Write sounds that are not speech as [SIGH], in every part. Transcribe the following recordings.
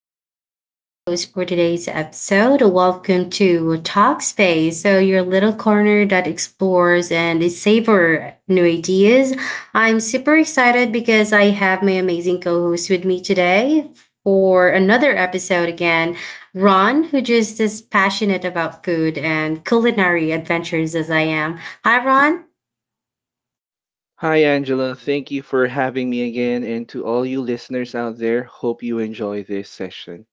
Angela, and I'll be your host for today's episode. Welcome to Talk Space. So, your little corner that explores and savor new ideas. I'm super excited because I have my amazing co host with me today for another episode again. Ron, who just is passionate about food and culinary adventures as I am. Hi, Ron. Hi, Angela. Thank you for having me again. And to all you listeners out there, hope you enjoy this session.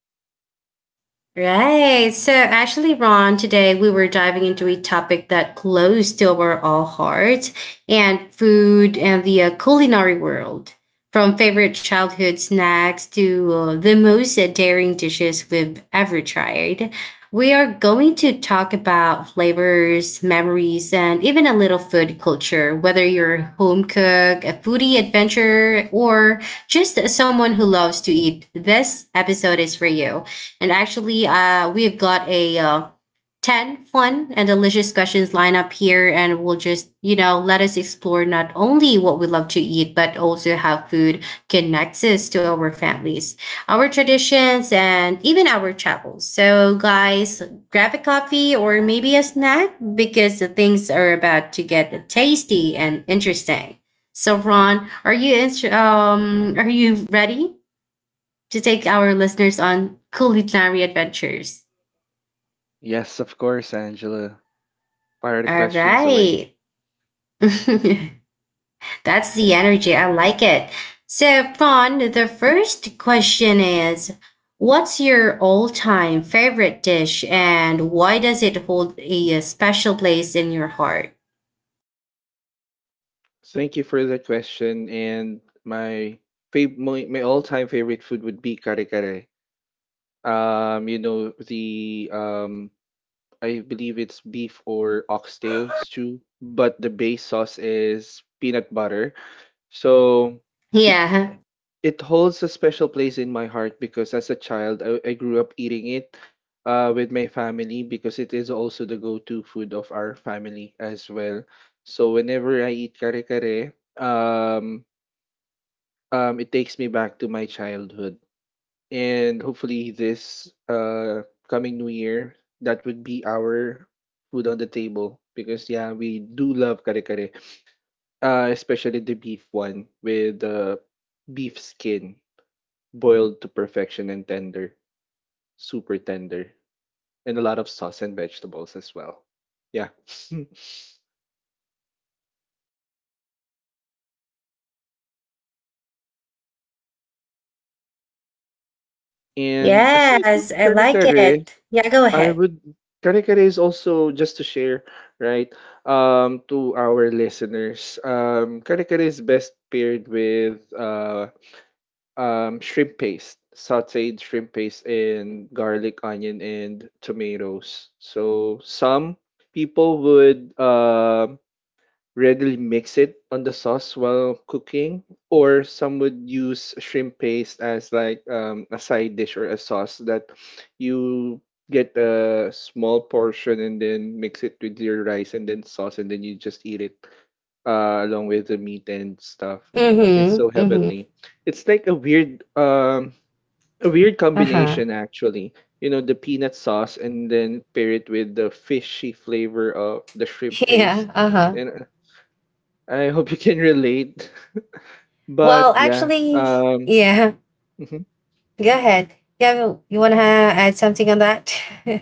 Right. So actually, Ron, today we were diving into a topic that close to our all hearts and food and the culinary world. From favorite childhood snacks to the most daring dishes we've ever tried, we are going to talk about flavors, memories, and even a little food culture, whether you're a home cook, a foodie adventurer, or just someone who loves to eat. This episode is for you. And actually, we've got a 10 fun and delicious questions lined up here, and we'll just let us explore not only what we love to eat, but also how food connects us to our families, our traditions, and even our travels. So, guys, grab a coffee or maybe a snack because the things are about to get tasty and interesting. So, Ron, are you ready to take our listeners on culinary adventures? Yes, of course, Angela. Fire the All questions away. right. [LAUGHS] That's the energy. I like it. So, Fawn, the first question is, what's your all time favorite dish and why does it hold a special place in your heart? Thank you for the question. And my my all time favorite food would be kare kare. You know, the I believe it's beef or oxtail stew, but the base sauce is peanut butter. So it Yeah. It holds a special place in my heart because as a child, I grew up eating it with my family because it is also the go-to food of our family as well. So whenever I eat kare-kare, um, it takes me back to my childhood. And hopefully this coming new year, that would be our food on the table because yeah, we do love kare-kare, especially the beef one with the beef skin boiled to perfection and tender, super tender, and a lot of sauce and vegetables as well. Yeah. [LAUGHS] And aside from Yes, I kare like kare, it. Yeah, go I ahead. would kare kare is also just to share, right? To our listeners, kare kare is best paired with shrimp paste, sautéed shrimp paste and garlic, onion, and tomatoes. So some people would readily mix it on the sauce while cooking, or some would use shrimp paste as like a side dish or a sauce that you get a small portion and then mix it with your rice and then sauce and then you just eat it along with the meat and stuff. Mm hmm. It's so Mm hmm. heavenly. It's like a weird Uh huh. combination [LAUGHS] actually. You know, the peanut sauce and then pair it with the fishy flavor of the shrimp paste. Yeah. Uh huh. And I hope you can relate. [LAUGHS] Well, But yeah, actually, yeah. mhm. Go ahead. Yeah, you wanna add something on that? [LAUGHS]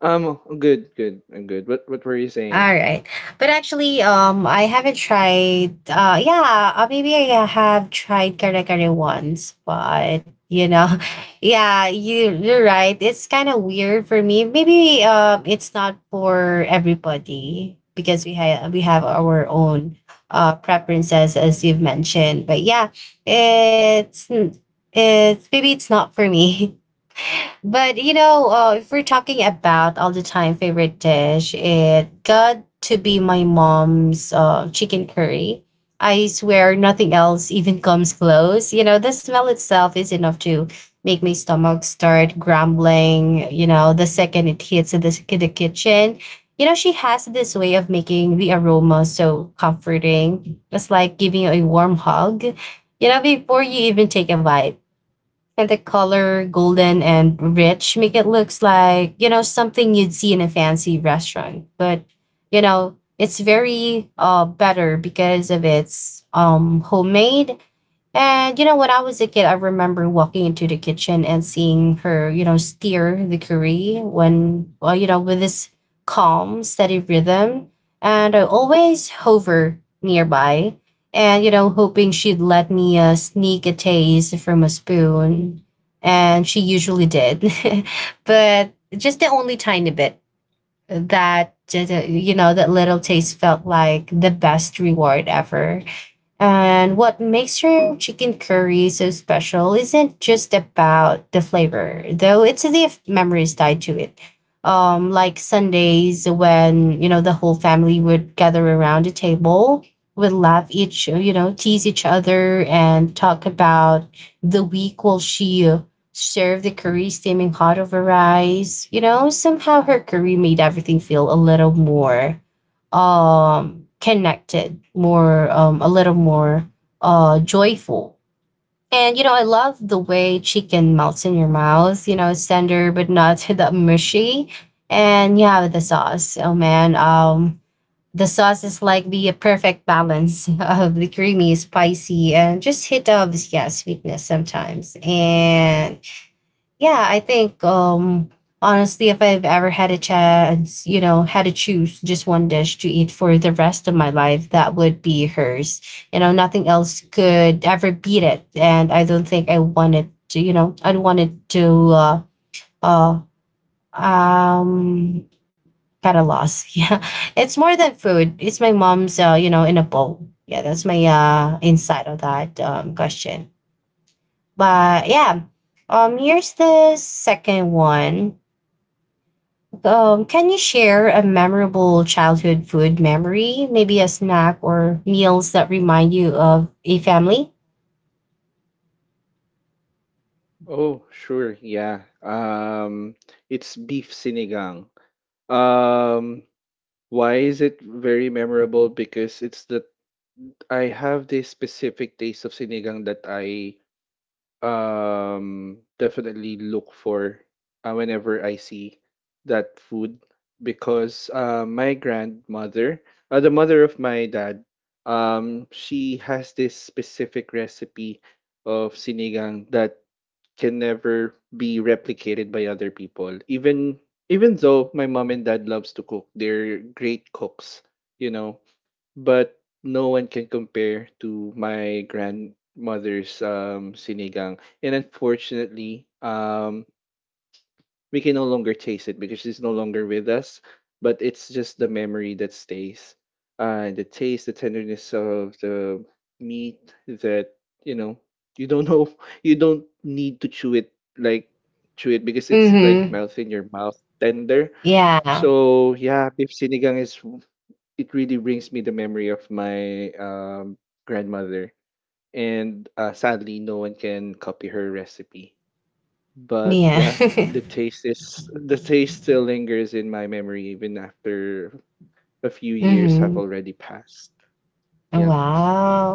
good, good, I'm good. What were you saying? All right. But actually, I haven't tried. Yeah, maybe I have tried kare kare once, but [LAUGHS] yeah, you're right. It's kind of weird for me. Maybe it's not for everybody because we have our own preferences as you've mentioned. But yeah, it's it's maybe it's not for me. [LAUGHS] But if we're talking about all the time favorite dish, it got to be my mom's chicken curry. I swear nothing else even comes close. You know, the smell itself is enough to make my stomach start grumbling, you know, the second it hits the kitchen. You know, she has this way of making the aroma so comforting. It's like giving you a warm hug, you know, before you even take a bite, and the color golden and rich make it looks like, you know, something you'd see in a fancy restaurant, but you know it's very better because of its homemade. And you know, when I was a kid, I remember walking into the kitchen and seeing her, you know, steer the curry when, well, you know, with this calm, steady rhythm. And I always hover nearby and, you know, hoping she'd let me sneak a taste from a spoon. And she usually did, [LAUGHS] but just the only tiny bit that, you know, that little taste felt like the best reward ever. And what makes your chicken curry so special isn't just about the flavor, though it's the memories tied to it. Like Sundays when, you know, the whole family would gather around the table, would laugh each, you know, tease each other and talk about the week while she served the curry steaming hot over rice. You know, somehow her curry made everything feel a little more connected, more, a little more joyful. And, you know, I love the way chicken melts in your mouth. You know, it's tender, but not [LAUGHS] that mushy. And yeah, the sauce. Oh, man. The sauce is like the perfect balance [LAUGHS] of the creamy, spicy, and just hit of, yeah, sweetness sometimes. And yeah, I think honestly if I've ever had a chance, you know, had to choose just one dish to eat for the rest of my life, that would be hers. You know, nothing else could ever beat it. And I don't think I wanted to, you know, I'd wanted to uh um kind of loss. [LAUGHS] Yeah. It's more than food. It's my mom's in a bowl. Yeah, that's my insight of that question. But yeah. Here's the second one. Can you share a memorable childhood food memory? Maybe a snack or meals that remind you of a family? Oh, sure, yeah. It's beef sinigang. Um, why is it very memorable? Because it's that I have this specific taste of sinigang that I definitely look for whenever I see that food because my grandmother, the mother of my dad, she has this specific recipe of sinigang that can never be replicated by other people. Even though my mom and dad loves to cook, they're great cooks. You know, but no one can compare to my grandmother's sinigang. And unfortunately, we can no longer taste it because she's no longer with us. But it's just the memory that stays. The taste, the tenderness of the meat that, you know, you don't know, [LAUGHS] you don't need to chew it like because it's like Mm-hmm. melt in your mouth, tender. Yeah. So yeah, beef sinigang is it really brings me the memory of my grandmother. And sadly, no one can copy her recipe. But Yeah. yeah, [LAUGHS] the taste still lingers in my memory even after a few years have Mm-hmm. already passed. Oh, Yeah,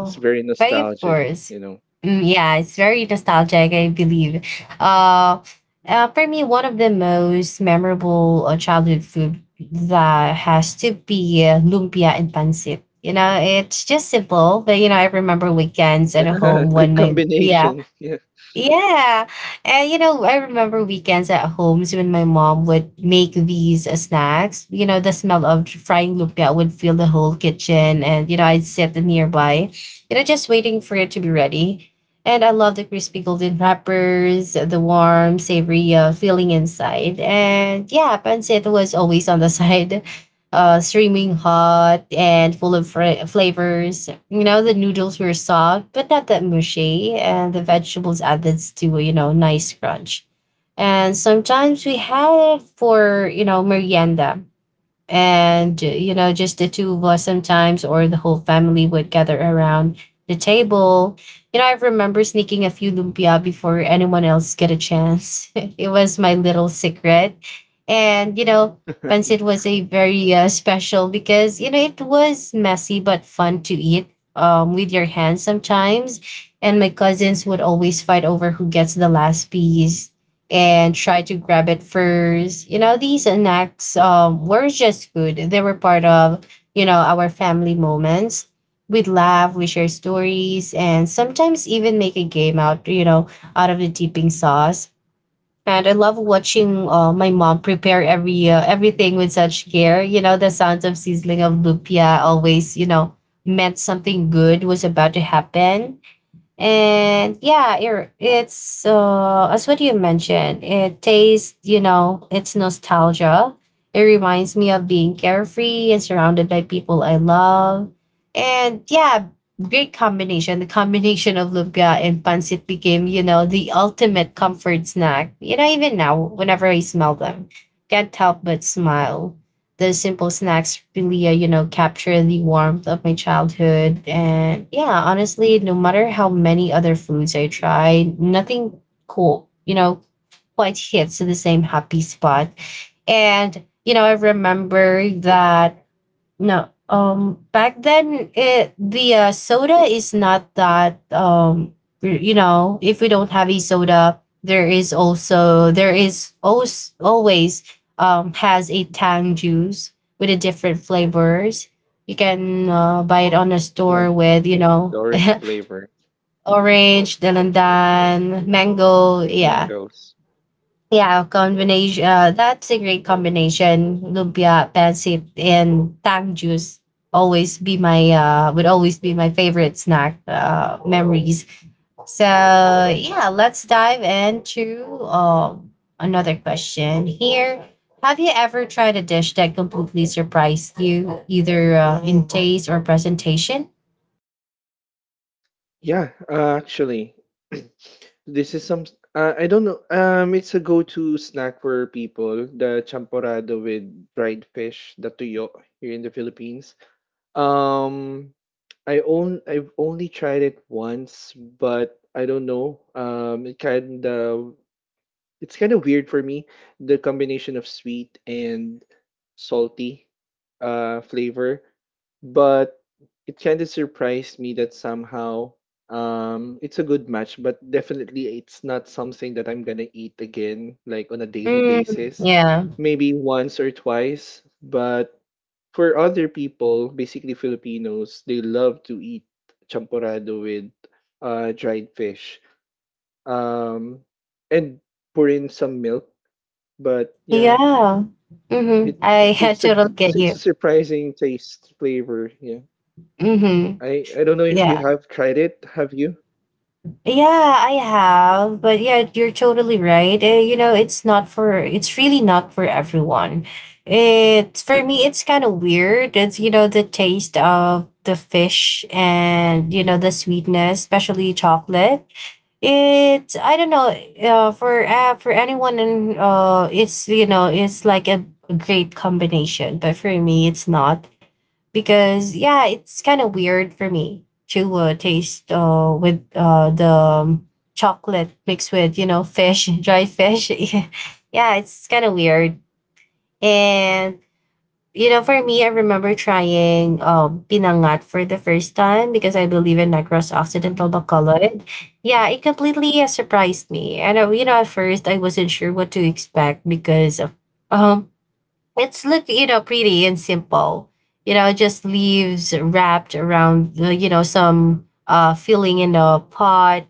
it's very But of nostalgic, course, you know. Yeah, it's very nostalgic, I believe. Uh, for me, one of the most memorable childhood food that has to be lumpia and pancit. You know, it's just simple, but you know, I remember weekends at Yeah, home [LAUGHS] when good my yeah combination. Yeah, yeah. And you know, I remember weekends at homes when my mom would make these snacks. You know, the smell of frying lumpia would fill the whole kitchen, and you know, I'd sit nearby, you know, just waiting for it to be ready. And I love the crispy golden wrappers, the warm, savory feeling inside. And yeah, pancit was always on the [LAUGHS] side, streaming hot and full of flavors. You know, the noodles were soft, but not that mushy, and the vegetables added to, a, you know, nice crunch. And sometimes we had it for, you know, merienda, and you know just the two of us sometimes, or the whole family would gather around the table. You know, I remember sneaking a few lumpia before anyone else get a chance. [LAUGHS] It was my little secret. And you know pancit was a very special because you know it was messy but fun to eat, with your hands sometimes, and my cousins would always fight over who gets the last piece and try to grab it first. You know, these snacks were just food. They were part of, you know, our family moments. We'd laugh, we share stories, and sometimes even make a game out, you know, out of the dipping sauce. And I love watching my mom prepare every everything with such care. You know, the sounds of sizzling of lumpia always, you know, meant something good was about to happen. And yeah, it's as what you mentioned, it tastes, you know, it's nostalgia. It reminds me of being carefree and surrounded by people I love. And yeah, great combination. The combination of lumpia and pancit became, you know, the ultimate comfort snack. You know, even now, whenever I smell them, can't help but smile. The simple snacks really, you know, capture the warmth of my childhood. And yeah, honestly, no matter how many other foods I try, nothing cool, you know, quite hits the same happy spot. And, you know, I remember that no. Back then it the soda is not that you know, if we don't have a soda, there is also there is always has a tang juice with a different flavors. You can buy it on a yeah, store with, you the know, orange [LAUGHS] flavor, orange, dalandan, mango, yeah. mangoes. Yeah, combination. That's a great combination. Lumpia, pancit, and tang juice always be my would always be my favorite snack memories. So yeah, let's dive into another question here. Have you ever tried a dish that completely surprised you, either in taste or presentation? Yeah, actually, [CLEARS THROAT] this is some. I don't know. It's a go-to snack for people. The champorado with fried fish, the tuyo here in the Philippines. Um, I own. I've only tried it once, but I don't know. It kind of weird for me, the combination of sweet and salty flavor, but it kind of surprised me that somehow it's a good match, but definitely it's not something that I'm gonna eat again, like on a daily basis. Yeah, Maybe once or twice, but for other people, basically Filipinos, they love to eat champorado with dried fish. Um, and pour in some milk but yeah, yeah. Mm-hmm. it yeah, I [LAUGHS] it's a totally get it's a you. surprising taste flavor. Yeah, Mm-hmm. I don't know if you Yeah. have tried it. Have you? Yeah, I have, but yeah, you're totally right. You know, it's not for it's really not for everyone. It's for me it's kind of weird. It's you know the taste of the fish and you know the sweetness, especially chocolate. It's I don't know, for anyone, and it's you know, it's like a great combination, but for me it's not because yeah, it's kind of weird for me to taste with the chocolate mixed with you know fish, [LAUGHS] dried fish. [LAUGHS] Yeah, it's kind of weird. And you know, for me, I remember trying pinangat for the first time because I believe in Negros Occidental Ah, Bacolod. okay. Yeah, it completely surprised me. And you know, at first I wasn't sure what to expect because um it's look you know pretty and simple, you know just leaves wrapped around the you know some filling in a pot,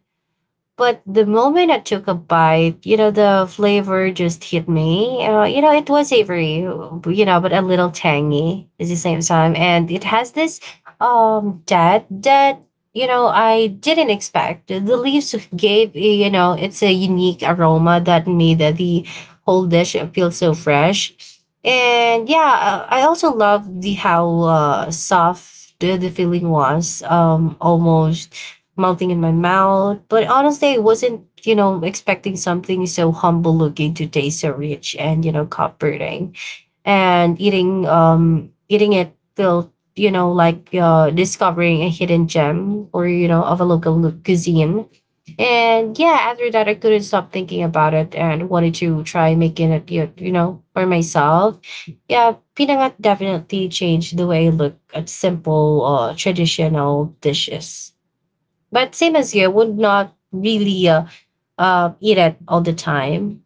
but the moment I took a bite, you know, the flavor just hit me. You know, it was savory, you know, but a little tangy at the same time. And it has this that you know I didn't expect. The leaves gave you know it's a unique aroma that made the whole dish feel so fresh. And yeah, I also love the how soft the feeling was. Almost melting in my mouth. But honestly, I wasn't, expecting something so humble looking to taste so rich and, comforting. And eating it felt, like discovering a hidden gem or, of a local cuisine. And yeah, after that I couldn't stop thinking about it and wanted to try making it for myself. Yeah, pinangat definitely changed the way I look at simple traditional dishes. But same as you, I would not really eat it all the time.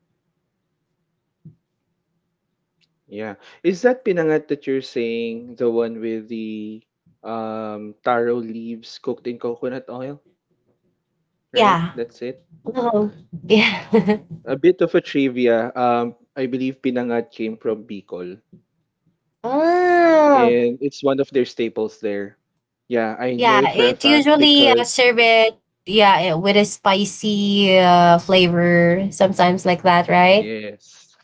Yeah. Is that pinangat that you're saying the one with the taro leaves cooked in coconut oil, right? Yeah. That's it. Oh. Mm. Yeah. [LAUGHS] A bit of a trivia. I believe pinangat came from Bicol, Oh. and it's one of their staples there. Yeah, I Yeah. know it for It a fact usually serve because it. Yeah, with a spicy flavor, sometimes like that, right? yes,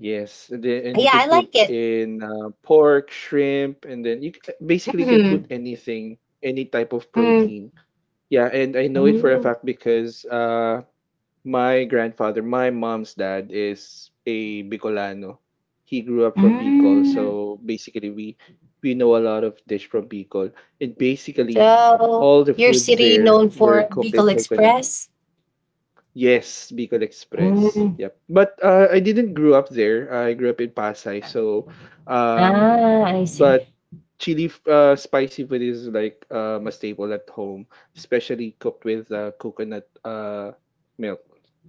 yes, and you Yeah, can I put like it. in pork, shrimp, and then basically can put Mm-hmm. anything, any type of Mm. protein. Yeah, and I know it for a Mm. fact because my grandfather, my mom's dad is a Bicolano. He grew up from Bicol, Mm. so basically we know a lot of dish from Bicol. And basically So, all the your foods city there known were for cooked in Beagle coconut. Express? Yes, Bicol Express. Mm. Yep. But I didn't grow up there. I grew up in Pasay, so um Ah, I see. but spicy food is like a staple at home, especially cooked with coconut milk.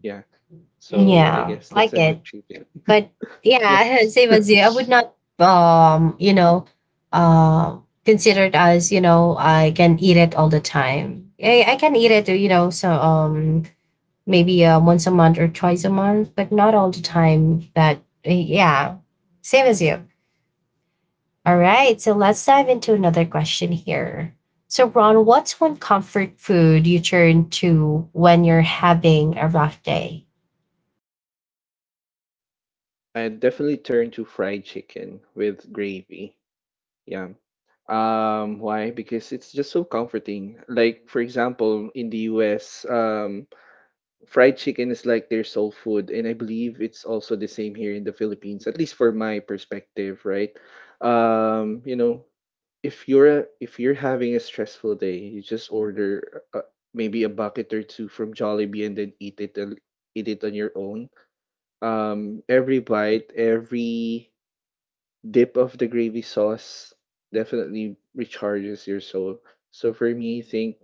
Yeah. So I Yeah, guess that's like a it. good treat there. [LAUGHS] But Yeah. Yeah, [LAUGHS] same [LAUGHS] as you. I would not, uh, consider it as I can eat it all the time. I can eat it, so maybe once a month or twice a month, but not all the time. Uh, yeah, Same as you. All right, so let's dive into another question here. So Ron, what's one comfort food you turn to when you're having a rough day? I'd definitely turn to fried chicken with gravy. Yeah. Why? Because it's just so comforting. Like, for example, in the US, fried chicken is like their soul food, and I believe it's also the same here in the Philippines, at least for my perspective, right? You know, if you're having a stressful day, you just order maybe a bucket or two from Jollibee and then eat it on your own. Every bite, every dip of the gravy sauce definitely recharges your soul. So for me, I think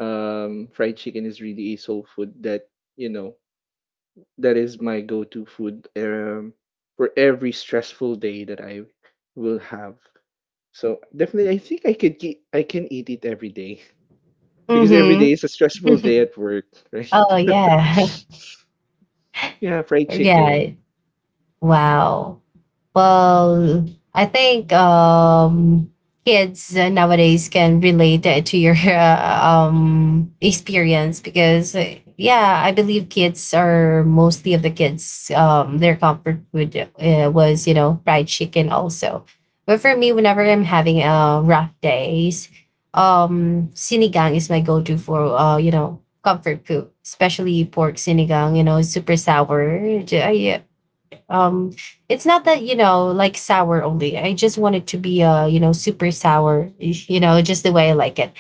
fried chicken is really a soul food that you know that is my go-to food for every stressful day that I will have. So definitely, I think I can eat it every day [LAUGHS] because every Mm-hmm. day is a stressful day [LAUGHS] at work, right? Oh [LAUGHS] yeah. yeah, [LAUGHS] fried Yeah. chicken. Wow. Well, I think kids nowadays can relate to your [LAUGHS] experience because, yeah, I believe kids are mostly of the kids, their comfort food was, fried chicken also. But for me, whenever I'm having rough days, sinigang is my go to for, comfort food, especially pork sinigang, you know, it's super sour. I, um, it's not Yeah, that like sour only. I just want it to be super sour. You know just the way I like it,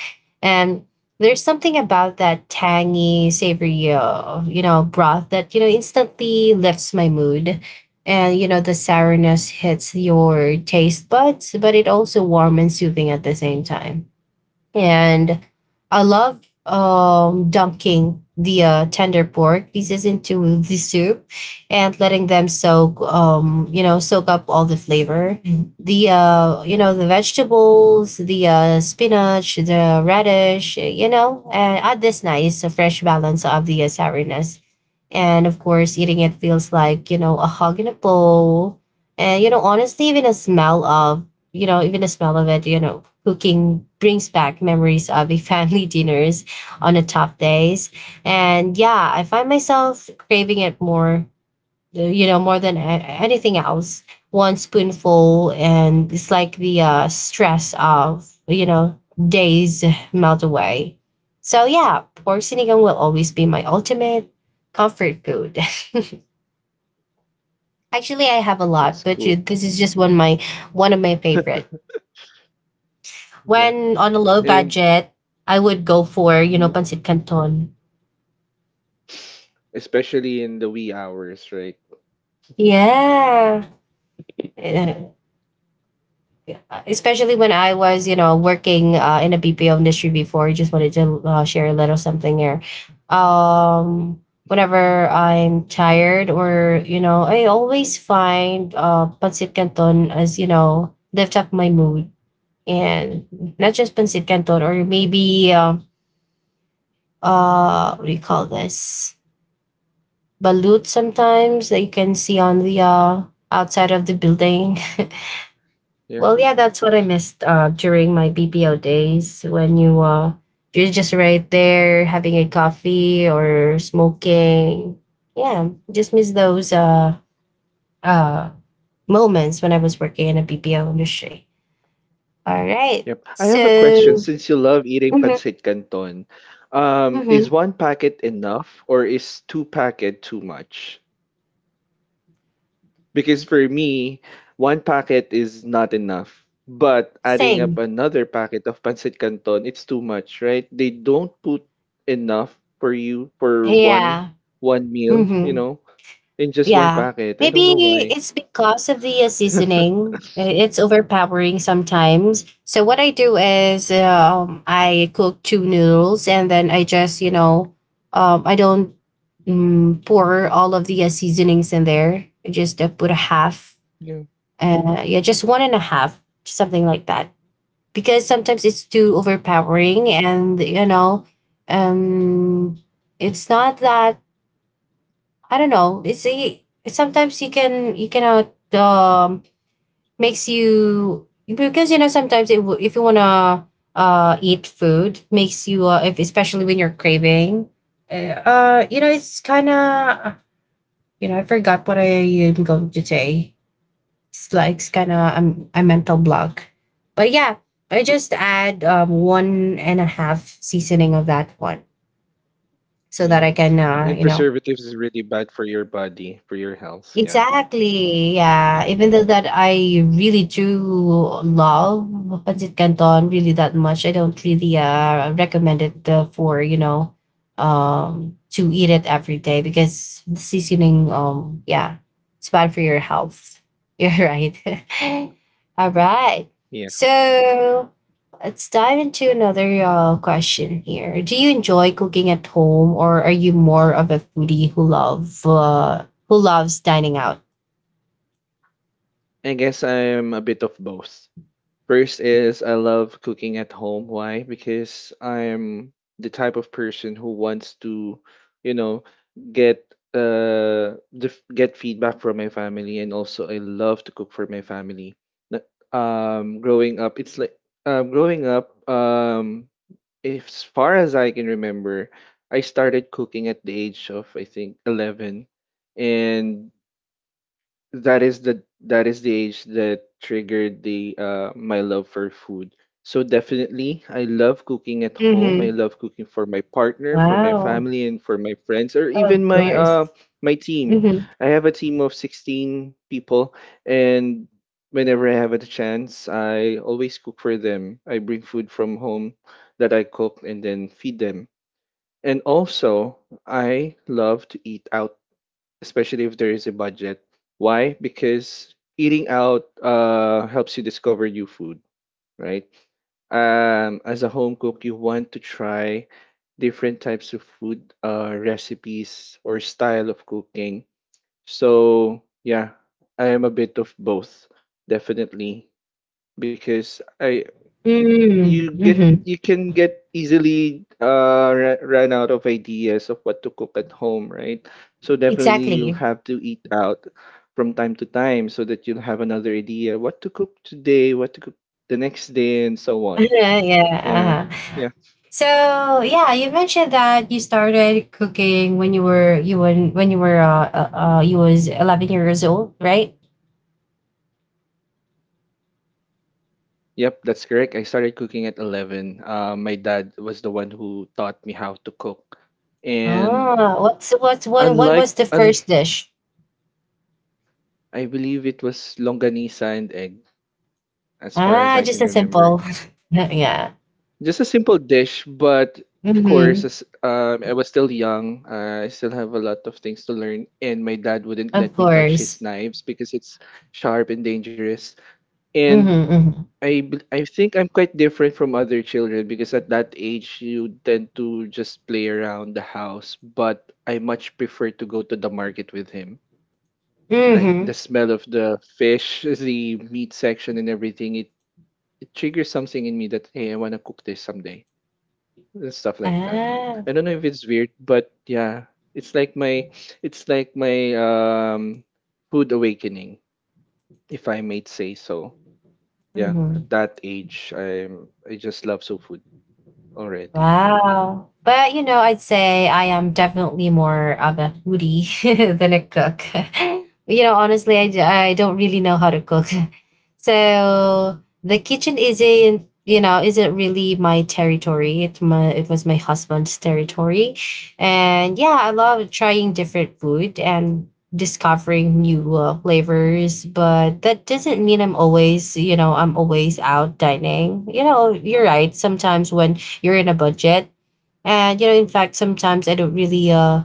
and there's something about that tangy, savory broth that instantly lifts my mood. And you know the sourness hits your taste buds, but it also warm and soothing at the same time and I love dunking the tender pork pieces into the soup and letting them soak, soak up all the flavor. Mhm. The the vegetables, the spinach, the radish, you know, and add this nice fresh balance of the souriness. And of course, eating it feels like a hug in a bowl, and honestly, even the smell of it, cooking brings back memories of a family [LAUGHS] dinners on the tough days. And yeah, I find myself craving it more, more than anything else. One spoonful, and it's like the stress of, days melt away. So yeah, pork sinigang will always be my ultimate comfort food. [LAUGHS] Actually, I have a lot, that's but cool. this is just one of my favorite. [LAUGHS] Yeah, When on a low and budget, I would go for, mhm, pancit canton. especially in the wee hours, right? Yeah. Eh, Especially when I was, working in a BPO industry before, I just wanted to share a little something here. Um, Whenever I'm tired or, I always find pancit canton as, lift up my mood. And not just pancit canton or maybe, what do you call this? Balut sometimes that you can see on the outside of the building. [LAUGHS] Yeah. Well, yeah, that's what I missed during my BPO days when you you're just right there having a coffee or smoking. Yeah, just miss those uh, moments when I was working in a BPO industry. All right, Yep. I have a question. so Since you love eating mm-hmm, pancit canton, is mm-hmm, one packet enough or is two packet too much? Because for me, one packet is not enough. But adding up same, another packet of pancit canton, it's too much, right? They don't put enough for you for one yeah. one meal, you Mm-hmm. know, in just one Yeah. packet. I don't know Maybe why. it's because of the [LAUGHS] seasoning. It's overpowering sometimes. So what I do is I cook two noodles and then I just, I don't pour all of the seasonings in there. I just put a half. Yeah. Yeah, just one and a half, something like that. Because sometimes it's too overpowering and, um, it's not that I don't know. Sometimes you cannot makes you because you know sometimes it will if you wanna eat food makes you if especially when you're craving uh you know it's kind of you know I forgot what I am going to say. It's like it's kind of a mental block, but yeah, I just add one and a half seasoning of that one so that Yeah. I can And you know preservatives is really bad for your body, for your health. Yeah. Exactly. Yeah. Even though that I really do love pancit canton really that much, I don't really recommend it for to eat it every day because the seasoning yeah it's bad for your health. [LAUGHS] You're right. [LAUGHS] All right. Yeah. So let's dive into another question here. Do you enjoy cooking at home, or are you more of a foodie who love who loves dining out. I guess I'm a bit of both. First is I love cooking at home. Why? Because I'm the type of person who wants to, you know, get get feedback from my family, and also I love to cook for my family. Na- Um, growing up, it's like growing up. As far as I can remember, I started cooking at the age of I think 11, and that is the age that triggered the my love for food. So definitely I love cooking at home. I Mm-hmm. love cooking for my partner, for my Wow. family and for my friends or even Of my course. my team. Mm-hmm. I have a team of 16 people and whenever I have a chance, I always cook for them. I bring food from home that I cook and then feed them. And also, I love to eat out especially if there is a budget. Why? Because eating out helps you discover new food, right? As a home cook, you want to try different types of food recipes or style of cooking. So yeah, I am a bit of both, definitely, because I you get Mm-hmm. you can get easily run out of ideas of what to cook at home, right? So definitely you'll Exactly. have to eat out from time to time so that you'll have another idea what to cook today, what to cook the next day and so [LAUGHS] on. Yeah. Yeah. Yeah, Uh-huh. yeah, So yeah, you mentioned that you started cooking when you were you was 11 years old, right? yes, yep, that's correct. I started cooking at 11. My dad was the one who taught me how to cook and Ah, what was unlike the un- first dish? I believe it was longanisa and egg as far as Ah, I just can a remember. simple. [LAUGHS] Yeah. Just a simple dish, but of course, Mm-hmm. as I was still young, I still have a lot of things to learn, and my dad wouldn't Of let me touch his course. knives because it's sharp and dangerous. And Mm-hmm. Mm-hmm. I think I'm quite different from other children because at that age you tend to just play around the house, but I much prefer to go to the market with him. Like the Mm-hmm. smell of the fish, the meat section, and everything, it triggers something in me that hey, I want to cook this someday and stuff like that. Ah. I don't know if it's weird, but yeah, it's like my it's like my food awakening, if I may say so. Yeah, at Mm. that age, I just love soul food already. Wow. But you know, I'd say I am definitely more of a foodie [LAUGHS] than a cook. [LAUGHS] You know, honestly, I don't really know how to cook. [LAUGHS] So the kitchen isn't, isn't really my territory. It was my husband's territory. And yeah, I love trying different food and discovering new flavors, but that doesn't mean I'm always, I'm always out dining. You know, you're right. Sometimes when you're in a budget. And you know, in fact, sometimes I don't really uh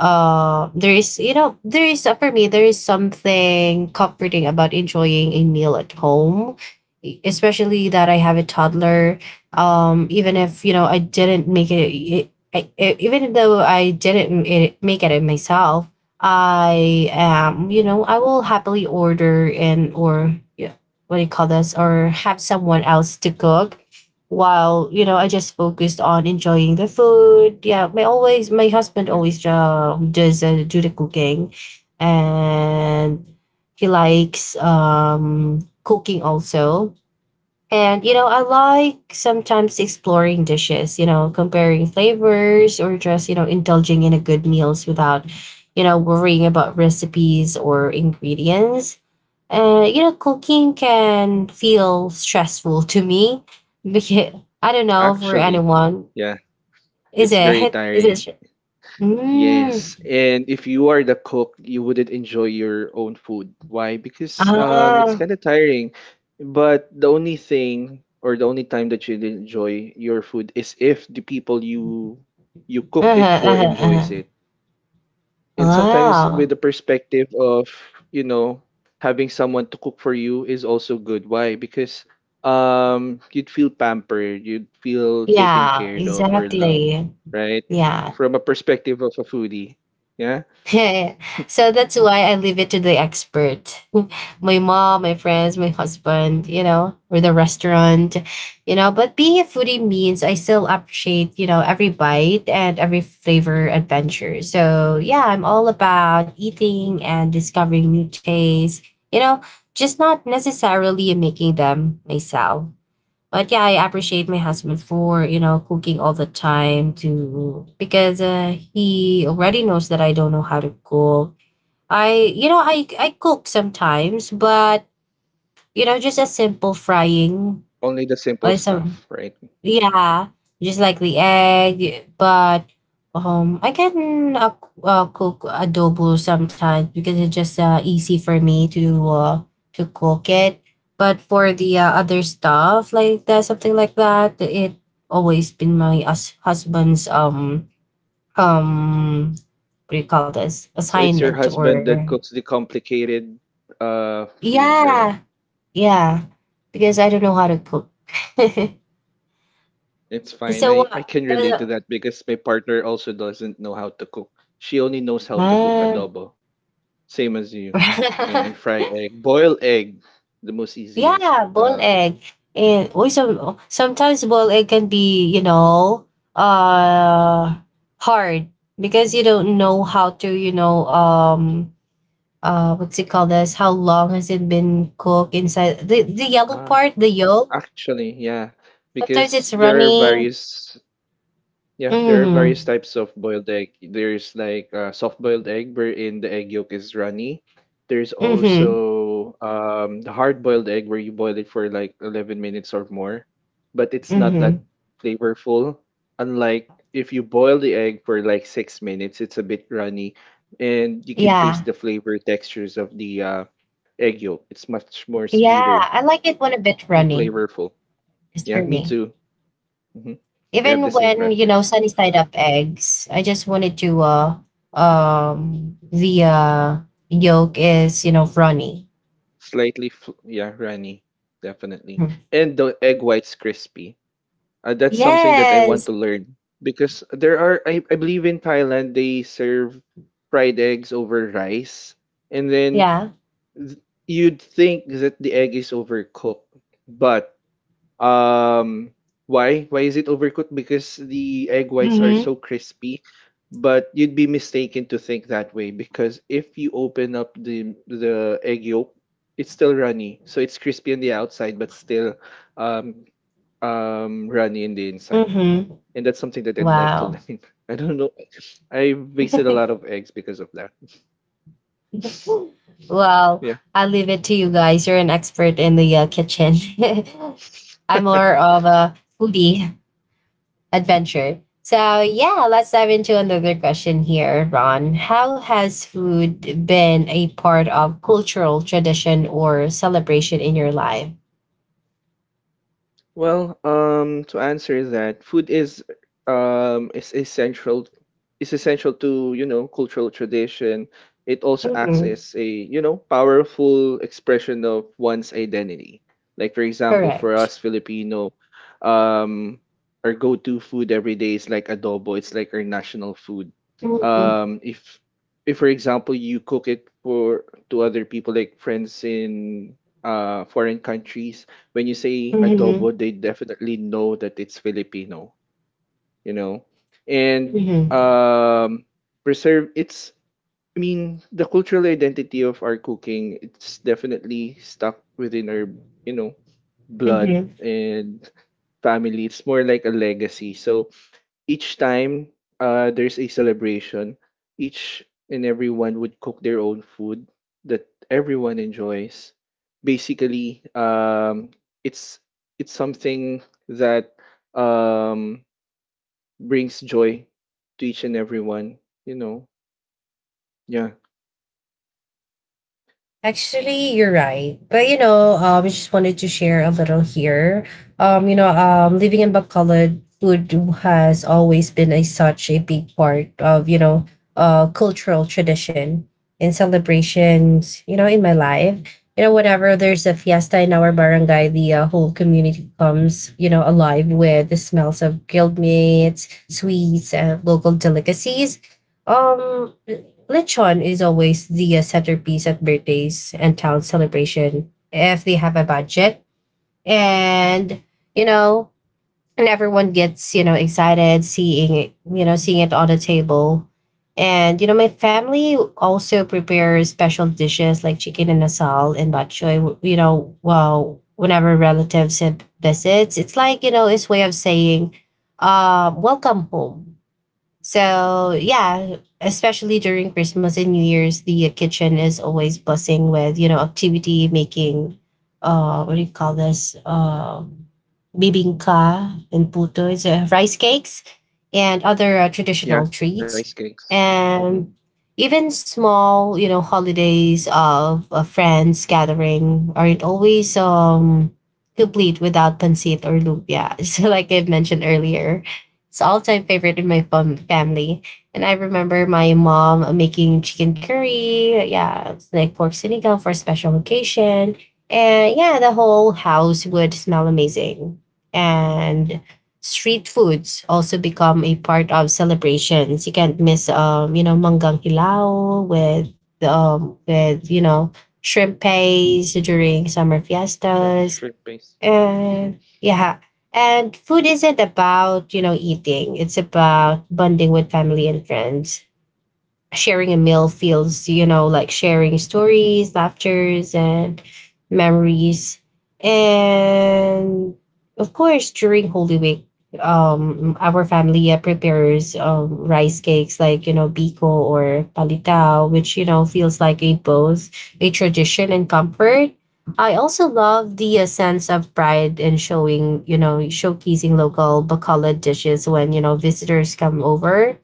uh there is there is for me there is something comforting about enjoying a meal at home especially that I have a toddler even if you know I didn't make it, even though I didn't make it myself I am I will happily order and or yeah, what do you call this or have someone else to cook while you know I just focused on enjoying the food yeah my husband Yeah, always does do the cooking and he likes cooking also and you know I like sometimes exploring dishes you know comparing flavors or just you know indulging in a good meals without you know worrying about recipes or ingredients you know, cooking can feel stressful to me because I don't know for actually, anyone. yeah, it's very Is it? tiring. Yes, Mm. and if you are the cook, you wouldn't enjoy your own food. Why? Because it's Ah. kind of tiring. But the only thing or the only time that you'd enjoy your food is if the people you cooked it Uh-huh, for uh-huh, enjoys uh-huh. it, and sometimes with Wow. the perspective of you know having someone to cook for you is also good. Why? Because you'd feel pampered, you'd feel taken Yeah, care of or loved, exactly. right? Yeah. From a perspective of a foodie, yeah. Yeah, yeah. So that's why I leave it to the expert. [LAUGHS] My mom, my friends, my husband, or the restaurant, you know. But being a foodie means I still appreciate, every bite and every flavor adventure. So yeah, I'm all about eating and discovering new tastes, you know, just not necessarily making them myself. But yeah, I appreciate my husband for, cooking all the time to because he already knows that I don't know how to cook. I cook sometimes, but just a simple frying, Only the simple like some stuff, right? yeah, just like the egg, but I can cook adobo sometimes because it's just easy for me to cook it. But for the other stuff like that, something like that, it always been my us husband's um what do you call this So it's your assignment husband that or cooks the complicated food, right? yeah yeah because I don't know how to cook. [LAUGHS] It's fine. So I what? can relate to that because my partner also doesn't know how to cook. She only knows how to cook Uh, adobo. Same as you. Yeah, [LAUGHS] and fry egg. Boil egg, the most easiest yeah, boiled egg. thing. And also sometimes boiled egg can be, uh hard because you don't know how to, what's it called this? How long has it been cooked inside the yellow Ah, part, the yolk? actually, yeah, Sometimes because it's there are runny. various... Yeah, there are various Mm-hmm. types of boiled egg. There's like soft boiled egg wherein the egg yolk is runny. There's Mm-hmm. also the hard boiled egg where you boil it for like 11 minutes or more, but it's not Mm-hmm. that flavorful. Unlike if you boil the egg for like 6 minutes, it's a bit runny, and you can Yeah. taste the flavor textures of the egg yolk. It's much more Yeah. sweeter I like it when a bit and runny. flavorful. Just for Yeah, me me. too. Hmm. We have the Even same when, preference. sunny side up eggs, I just wanted to the yolk is, runny. Slightly, yeah, runny, definitely. Hmm. And the egg white's crispy. That's something that I want Yes. to learn, because I believe in Thailand, they serve fried eggs over rice. And then Yeah. th- you'd think that the egg is overcooked, but um, why? Why is it overcooked? Because the egg whites are Mm-hmm. so crispy. But you'd be mistaken to think that way, because if you open up the egg yolk, it's still runny. So it's crispy on the outside, but still um runny in the inside. Mm-hmm. And that's something that I'd like to Wow. learn. [LAUGHS] I don't know. I wasted a lot [LAUGHS] of eggs because of that. Well, Yeah. I'll leave it to you guys. You're an expert in the kitchen. [LAUGHS] I'm more of a foodie. Adventure. So yeah, let's dive into another question here, Ron. How has food been a part of cultural tradition or celebration in your life? Well, to answer that, food is um is essential essential to, you know, cultural tradition. It also acts Mhm. as a, you know, powerful expression of one's identity. Like for example, for Correct. us Filipino, um, our go-to food every day is like adobo. It's like our national food. Hmm. Um, if if for example you cook it for to other people like friends in foreign countries, when you say Hmm. adobo, they definitely know that it's Filipino, you know? And Hmm. um preserve it's I mean, the cultural identity of our cooking, it's definitely stuck within our, you know, blood Hmm. and family. It's more like a legacy. So each time there's a celebration, each and everyone would cook their own food that everyone enjoys. Basically, it's it's something that um, brings joy to each and everyone. You know, yeah, Actually, you're right. But you know, I just wanted to share a little here. Living in Bacolod, food has always been a such a big part of cultural tradition and celebrations. You know, in my life, you know, whenever there's a fiesta in our barangay, the whole community comes, you know, alive with the smells of grilled meats, sweets, and local delicacies um, Lechon is always the centerpiece at birthdays and town celebration if they have a budget. And, you know, and everyone gets, you know, excited seeing it, you know, seeing it on the table. And, you know, my family also prepares special dishes like chicken and asal and bok choy, you know, well, whenever relatives have visits. It's like, you know, it's way of saying, welcome home. So yeah, especially during Christmas and New Year's, the kitchen is always buzzing with activity making. What do you call this? Bibingka and puto. It's rice cakes and other yeah, traditional treats, rice cakes. Hmm. and even small holidays of friends gathering aren't always complete without pancit or lumpia. [LAUGHS] So like I've mentioned earlier. It's all-time favorite in my family. And I remember my mom making chicken curry. Yeah, it's like pork sinigang for a special occasion. And yeah, the whole house would smell amazing. And street foods also become a part of celebrations. You can't miss you know, manggang hilao with with you know, shrimp paste during summer Yeah, fiestas shrimp base. Hmm. and yeah. And food isn't about, you know, eating. It's about bonding with family and friends sharing a meal feels, you know, like sharing stories, laughters, and memories. And of course, during Holy Week, our family prepares rice cakes like, you know, biko or palitao, which, you know, feels like a both a tradition and comfort. I also love the sense of pride in showing, you know, showcasing local Bacala dishes when, you know, visitors come over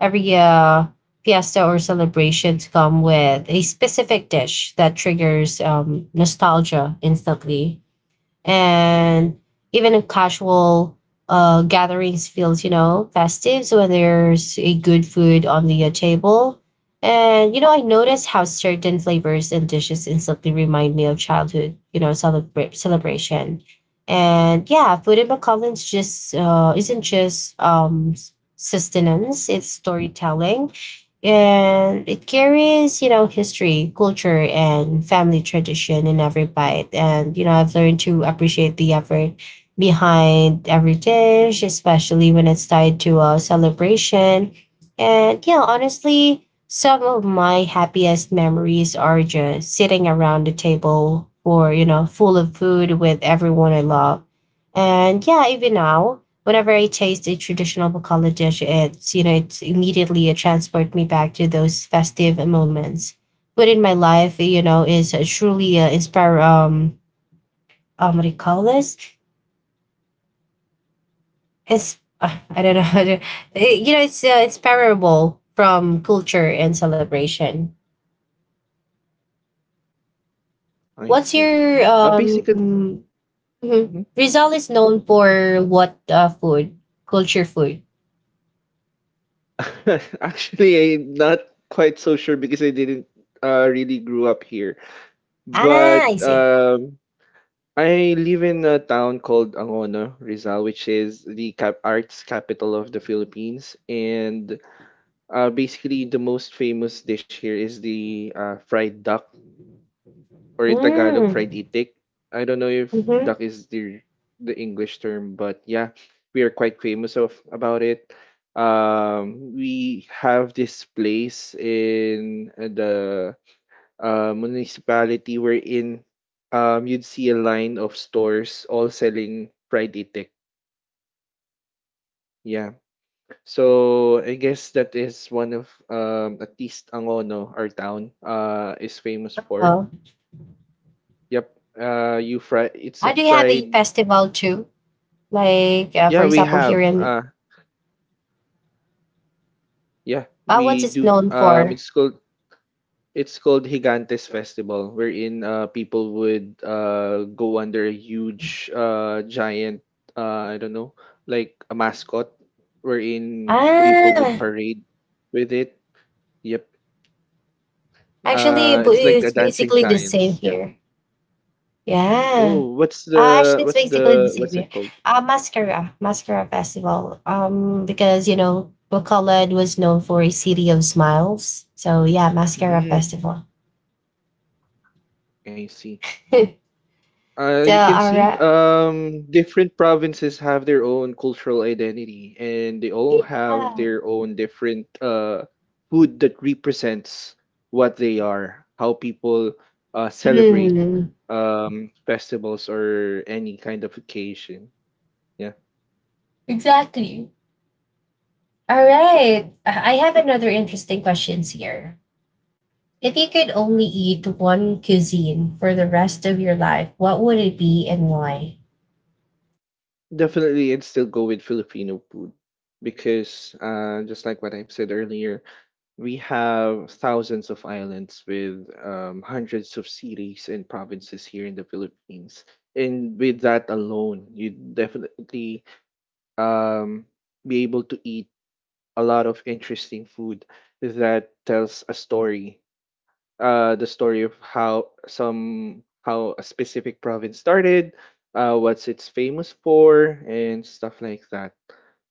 every fiesta or celebrations come with a specific dish that triggers nostalgia instantly and even in casual gatherings feels you know festive. So when there's a good food on the table and you know I notice how certain flavors and dishes instantly remind me of childhood you know celebration. And yeah, food in McAllen's just isn't just sustenance, it's storytelling, and it carries you know history, culture, and family tradition in every bite. And you know I've learned to appreciate the effort behind every dish, especially when it's tied to a celebration. And yeah, honestly, some of my happiest memories are just sitting around the table or you know full of food with everyone I love. And yeah, even now, whenever I taste a traditional Bacala dish, it's you know it's immediately it transport me back to those festive moments. But in my life, you know, is truly inspire what do you call this? It's I don't know how to. You know it's inspirable from culture and celebration. I What's see. your Basically, mhm. mhm. Rizal is known for what food? Culture food. [LAUGHS] Actually, I'm not quite so sure because I didn't really grew up here. Ah, But I see. I live in a town called Angono, Rizal, which is the cap arts capital of the Philippines. And basically, the most famous dish here is the fried duck, or in Tagalog, fried Mm. itik. I don't know if Mm-hmm. duck is the English term, but yeah, we are quite famous of about it. We have this place in the municipality wherein you'd see a line of stores all selling fried itik. Yeah. So I guess that is one of, at least Angono, our town, is famous for. Uh-huh. Yep. You fry. It's a Do you have a fried. festival too? Like, for Yeah, we example, here have. in Yeah, uh, What's we it do. known for? It's called... It's called Higantes Festival, wherein people would go under a huge, giant, I don't know, like a mascot, wherein people would Ah, parade with it. Yep. actually, It's like the it's dancing basically the same giants. Yeah. here. Yeah. Oh, Actually, it's basically the same what's it here. called? Mascara Festival. Because you know, Bacolod was known for a city of smiles. So yeah, Mascara Mm, Festival. I see. [LAUGHS] So, You can all see right. Different provinces have their own cultural identity, and they all have Yeah. their own different food that represents what they are, how people celebrate Mm, festivals or any kind of occasion. Yeah, exactly. All right. I have another interesting questions here. If you could only eat one cuisine for the rest of your life, what would it be and why? definitely, and still go with Filipino food because, just like what I've said earlier, we have thousands of islands with hundreds of cities and provinces here in the Philippines. And with that alone, you definitely, um, be able to eat a lot of interesting food that tells a story, the story of how some how a specific province started, what's it's famous for, and stuff like that.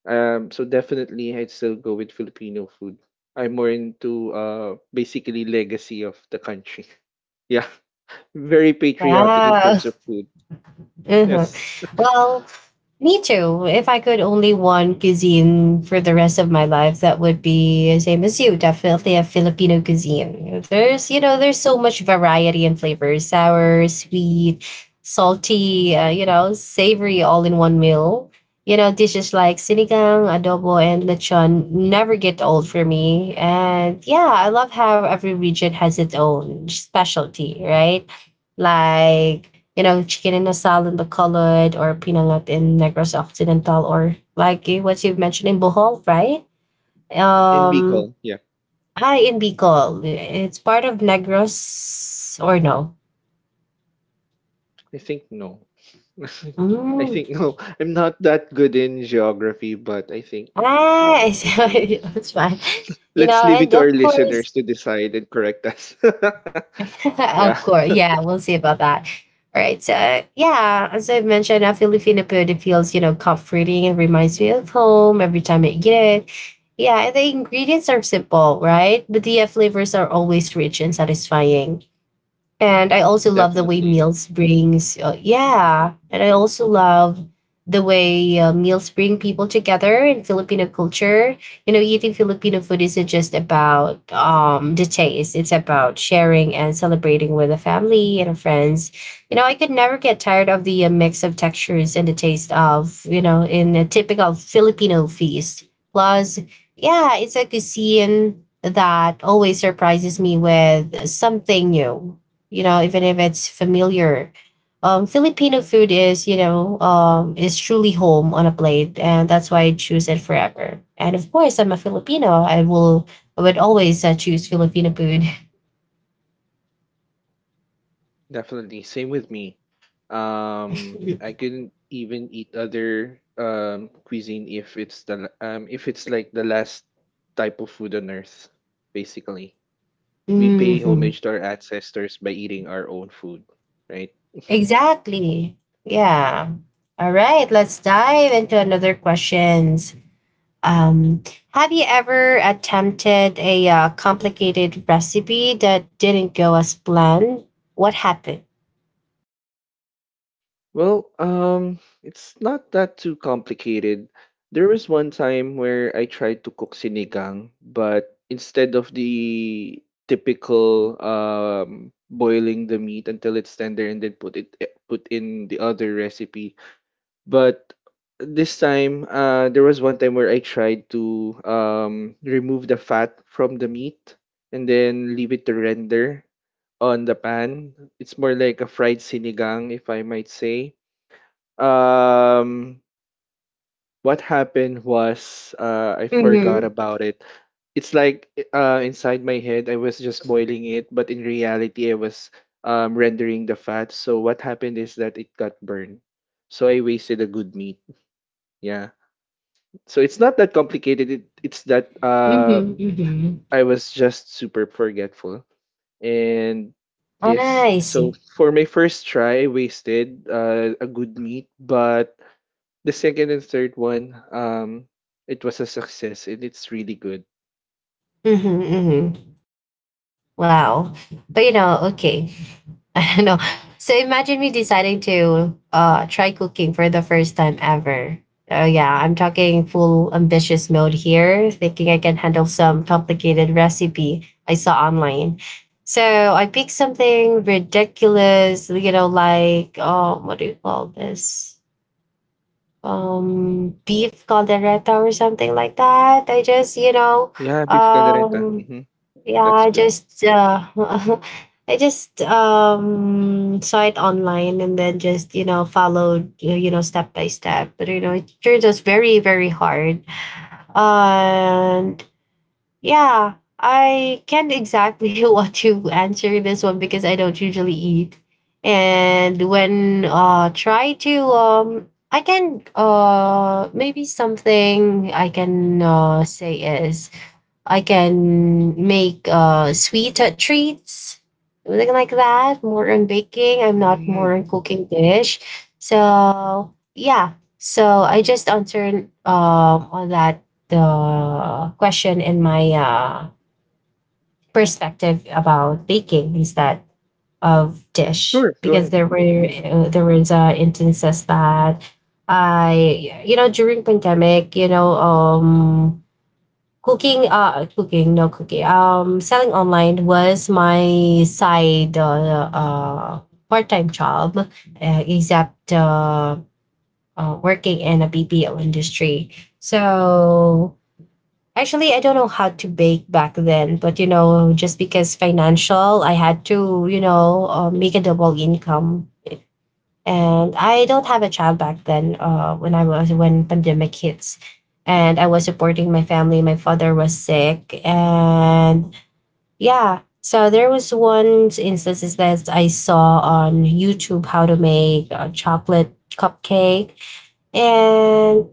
So definitely, I'd still go with Filipino food. I'm more into basically legacy of the country. [LAUGHS] Yeah, very patriotic in Wow. terms of food. Hmm. Yes, Well, me too. If I could only one cuisine for the rest of my life, that would be same as you. Definitely a Filipino cuisine. There's you know there's so much variety and flavors: sour, sweet, salty. You know, savory, all in one meal. You know, dishes like sinigang, adobo, and lechon never get old for me. And yeah, I love how every region has its own specialty, right? Like you know, chicken in a salad but colored or pinangat in Negros Occidental, or like you- what you've mentioned in Bohol, right? in Um, Bicol. Yeah, I in Bicol. It's part of Negros or no? I think no. [LAUGHS] I Mm. think no. I'm not that good in geography, but I think Ah, [LAUGHS] no. I think... it's fine. You Let's know, leave it and to our of course, listeners to decide and correct us. [LAUGHS] [LAUGHS] Yeah, of course. Yeah, we'll see about that. All right. So, yeah, as I mentioned, a Filipino food it feels, you know, comforting and reminds me of home every time I eat it. Yeah, and the ingredients are simple, right? But the flavors are always rich and satisfying, and I also love the way definitely. meals brings Hmm. yeah, and I also love the way meals bring people together in Filipino culture. You know, eating Filipino food isn't just about the taste; it's about sharing and celebrating with a family and friends. You know, I could never get tired of the mix of textures and the taste of you know in a typical Filipino feast. Plus, yeah, it's like a cuisine that always surprises me with something new, you know, even if it's familiar. Filipino food is, you know, is truly home on a plate, and that's why I choose it forever. And of course, I'm a Filipino. I would always choose Filipino food. Definitely. Same with me. I [LAUGHS] couldn't even eat other cuisine if it's the if it's like the last type of food on earth, basically. We pay Hmm. homage to our ancestors by eating our own food, right? Exactly. Yeah. All right. Let's dive into another questions. Um, have you ever attempted a complicated recipe that didn't go as planned? What happened? Well, it's not that too complicated. There was one time where I tried to cook sinigang, but instead of the typical boiling the meat until it's tender and then put it put in the other recipe, but this time, there was one time where I tried to remove the fat from the meat and then leave it to render on the pan. It's more like a fried sinigang, if I might say. Um, what happened was I forgot about it. It's like inside my head, I was just boiling it, but in reality, I was rendering the fat. So what happened is that it got burned. So I wasted a good meat. Yeah. So it's not that complicated. It's that Mhm, mhm. I was just super forgetful. And yes, I so see. for my first try, I wasted a good meat, but the second and third one, it was a success, and it's really good. Mm-hmm, mm-hmm. Wow. But you know, okay. [LAUGHS] I don't know. So imagine me deciding to try cooking for the first time ever. Oh yeah, I'm talking full ambitious mode here, thinking I can handle some complicated recipe I saw online. So I picked something ridiculous, you know, like oh, what do you call this? Beef caldereta or something like that. I just, you know, Yeah, beef caldereta. um Hmm. yeah, That's I good. just [LAUGHS] I just saw it online and then just, you know, followed you know step by step. But you know, it sure was very, very hard. Um, yeah, I can't exactly [LAUGHS] what to answer this one because I don't usually eat. And when try to I can maybe something I can say is I can make sweeter treats, something like that. More on baking. I'm not Hmm. more on cooking dish. So yeah. So I just answered on that the question in my perspective about baking instead of dish Sure, go because ahead. Mm-hmm. There was instances that I you know during pandemic you know cooking cooking no cooking selling online was my side part-time job except working in a BPO industry. So actually I don't know how to bake back then, but you know just because financial I had to you know make a double income. And I don't have a child back then. When pandemic hits, and I was supporting my family. My father was sick, and yeah. So there was one instances that I saw on YouTube how to make a chocolate cupcake and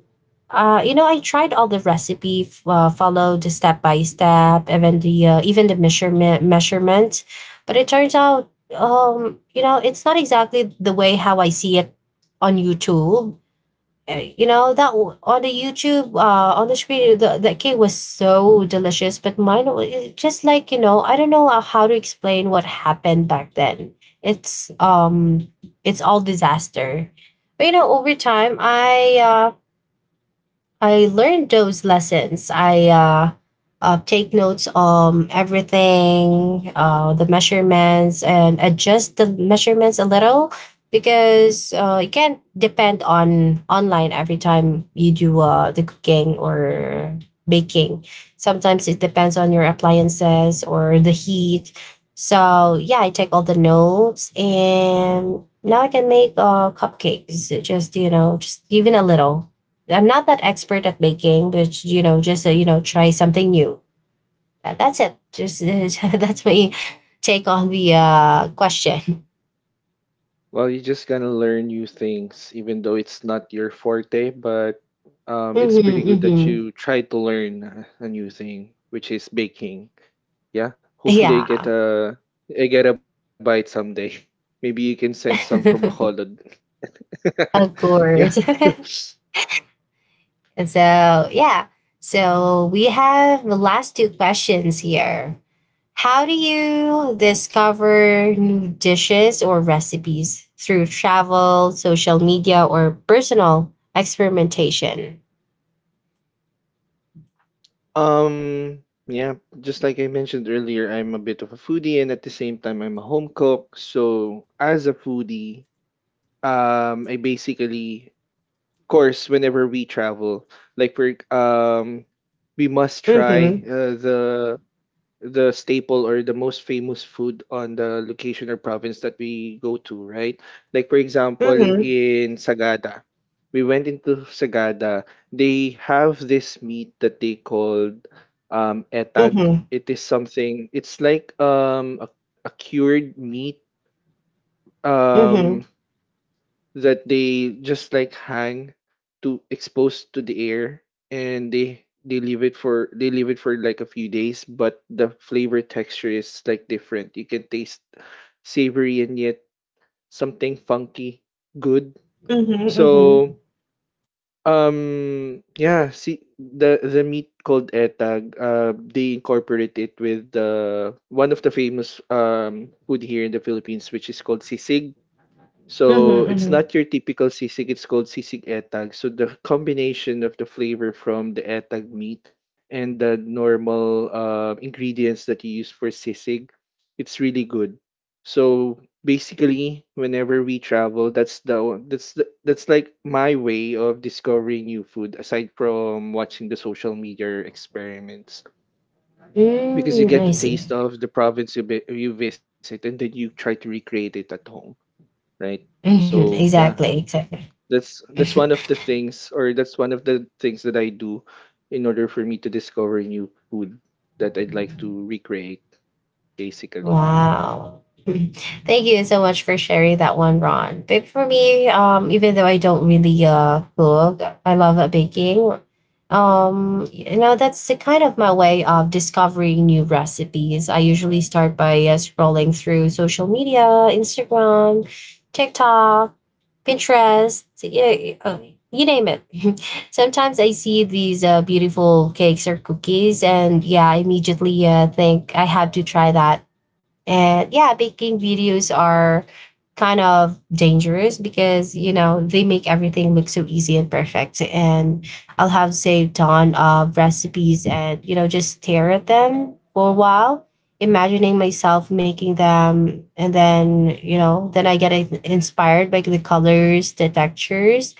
you know, I tried all the recipe, followed the step by step, even the measurement, but it turns out, you know, it's not exactly the way how I see it on YouTube. Uh, you know that on the YouTube on the screen the cake was so delicious, but it just like you know I don't know how to explain what happened back then. It's it's all disaster. But you know over time I learned those lessons. I take notes on everything, the measurements, and adjust the measurements a little, because you can't depend on online every time you do the cooking or baking. Sometimes it depends on your appliances or the heat. So yeah, I take all the notes and now I can make cupcakes. Just you know, just even a little. I'm not that expert at baking, but you know, just you know, try something new. That's it. Just [LAUGHS] that's my take on the question. [LAUGHS] Well, you just gonna learn new things, even though it's not your forte, but it's pretty good that Mm-hmm, you try to learn a new thing, which is baking. Yeah, mm-hmm. hopefully I get Yeah, a I get a bite someday. [LAUGHS] Maybe you can send some from Bacolod. [LAUGHS] of [LAUGHS] Yeah. course. [LAUGHS] [LAUGHS] And so yeah, so we have the last two questions here. How do you discover new dishes or recipes through travel, social media, or personal experimentation? Um. Yeah. Just like I mentioned earlier, I'm a bit of a foodie, and at the same time, I'm a home cook. So as a foodie, I basically course, whenever we travel, like for, we must try Mm-hmm. The staple or the most famous food on the location or province that we go to, right? Like for example, Mhm, in Sagada, we went into Sagada. They have this meat that they called mhm, etag. mhm, It is something. It's like a cured meat. mhm, Um, that they just like hang to exposed to the air, and they leave it for like a few days, but the flavor texture is like different. You can taste savory and yet something funky good. So, mhm, yeah, see the meat called etag, they incorporate it with the one of the famous food here in the Philippines, which is called sisig. mhm, So it's mhm. not your typical sisig, it's called sisig etag. So the combination of the flavor from the etag meat and the normal ingredients that you use for sisig, it's really good. So basically, whenever we travel, that's the o- that's the, that's like my way of discovering new food aside from watching the social media experiments, because you Mm, get the I see. taste of the province you, you visit and then you try to recreate it at home, right? Mhm, So yeah, exactly, exactly. that's one of the things, or that's one of the things that I do in order for me to discover new food that I'd like to recreate basically. Wow. Mhm. Thank you so much for sharing that one, Ron. But for me, even though I don't really cook, I love baking. You know, that's the kind of my way of discovering new recipes. I usually start by scrolling through social media, Instagram, TikTok, Pinterest, yeah, you name it. [LAUGHS] Sometimes I see these beautiful cakes or cookies, and yeah, I immediately think I have to try that. And yeah, baking videos are kind of dangerous because, you know, they make everything look so easy and perfect. And I'll have saved on of recipes and, you know, just stare at them for a while, imagining myself making them. And then, you know, then I get inspired by the colors, the textures,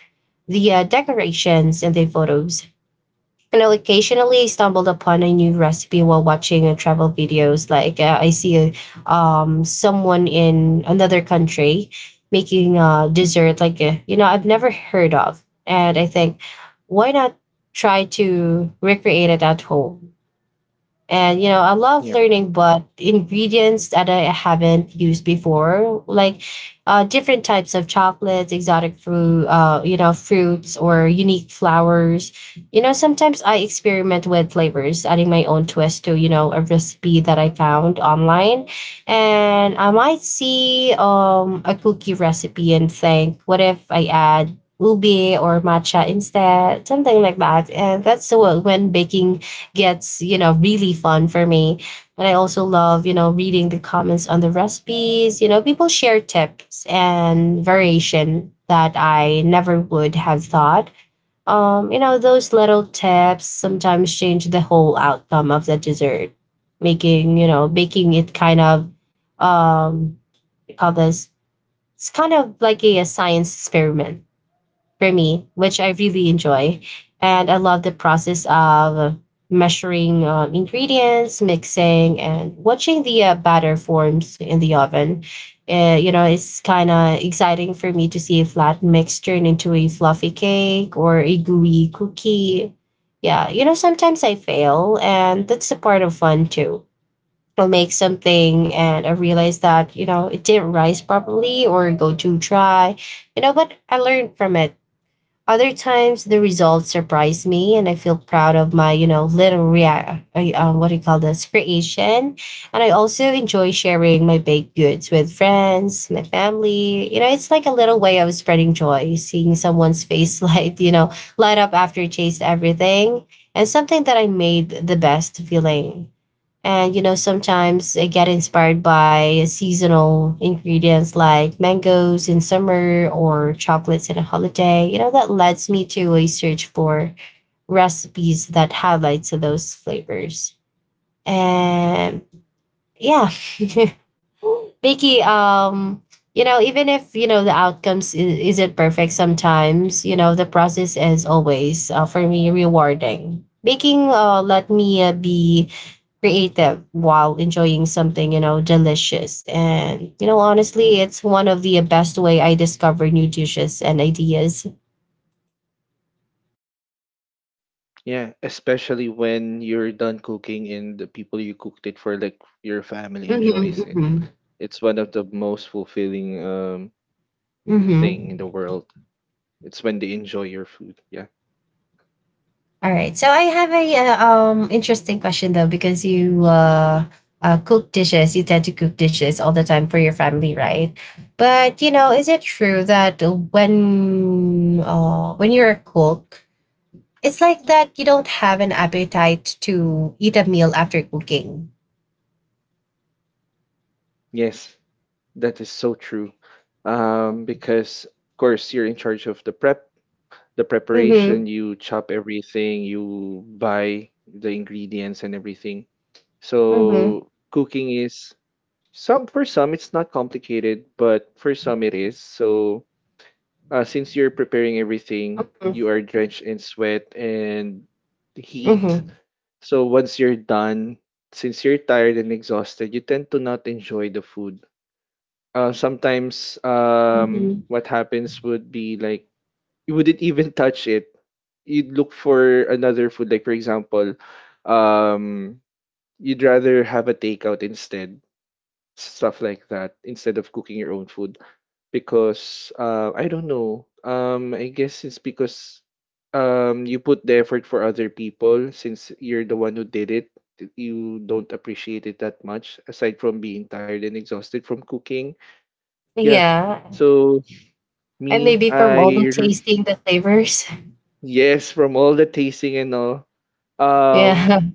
the decorations, and the photos. And I occasionally I stumbled upon a new recipe while watching travel videos. Like I see someone in another country making a dessert, like you know, I've never heard of, and I think, why not try to recreate it at home? And you know, I love Yep. learning but ingredients that I haven't used before, like different types of chocolates, exotic fruit, you know, fruits or unique flowers. You know, sometimes I experiment with flavors, adding my own twist to you know a recipe that I found online, and I might see a cookie recipe and think, what if I add ubi or matcha instead, something like that. And that's what when baking gets, you know, really fun for me. And I also love, you know, reading the comments on the recipes. You know, people share tips and variation that I never would have thought. You know, those little tips sometimes change the whole outcome of the dessert, making, you know, making it kind of what do you call this, it's kind of like a science experiment for me, which I really enjoy. And I love the process of measuring ingredients, mixing, and watching the batter forms in the oven. You know, it's kind of exciting for me to see a flat mix turn into a fluffy cake or a gooey cookie. Yeah, you know, sometimes I fail, and that's a part of fun too. I'll make something and I realize that, you know, it didn't rise properly or go too dry, you know, but I learned from it. Other times the results surprise me and I feel proud of my, you know, little react, what do you call this, creation. And I also enjoy sharing my baked goods with friends, my family. You know, it's like a little way of spreading joy, seeing someone's face [LAUGHS] light, you know, light up after you chase everything. And something that I made the best feeling. And you know, sometimes I get inspired by seasonal ingredients like mangoes in summer or chocolates in a holiday. You know, that leads me to a search for recipes that highlights those flavors. And yeah. [LAUGHS] Vicky, you know, even if you know the outcomes isn't perfect sometimes, you know, the process is always for me rewarding. Baking let me be creative while enjoying something you know delicious, and you know honestly it's one of the best way I discover new dishes and ideas. Yeah, especially when you're done cooking and the people you cooked it for, like your family Mm-hmm, enjoys it. mm-hmm, It's one of the most fulfilling mm-hmm. thing in the world. It's when they enjoy your food. Yeah. All right. So I have a interesting question, though, because you cook dishes, you tend to cook dishes all the time for your family, right? But you know, is it true that when when you're a cook, it's like that you don't have an appetite to eat a meal after cooking. Yes, that is so true. Because of course you're in charge of the prep, the Mhm. preparation, you chop everything, you buy the ingredients and everything. Mhm. So cooking is some, for some it's not complicated, but for some it is. So since you're preparing everything, Mhm. you are drenched in sweat and heat. Mhm. So once you're done, since you're tired and exhausted, you tend to not enjoy the food. Sometimes Mhm. what happens would be like you wouldn't [LAUGHS] even touch it. You'd look for another food. Like for example, um, you'd rather have a takeout instead, stuff like that, instead of cooking your own food. Because, I don't know. I guess it's because you put the effort for other people. Since you're the one who did it, you don't appreciate it that much aside from being tired and exhausted from cooking. Yeah. Yeah. So And me, maybe from I all the r- tasting the flavors. yes, from all the tasting and all. [LAUGHS] Yeah. Um,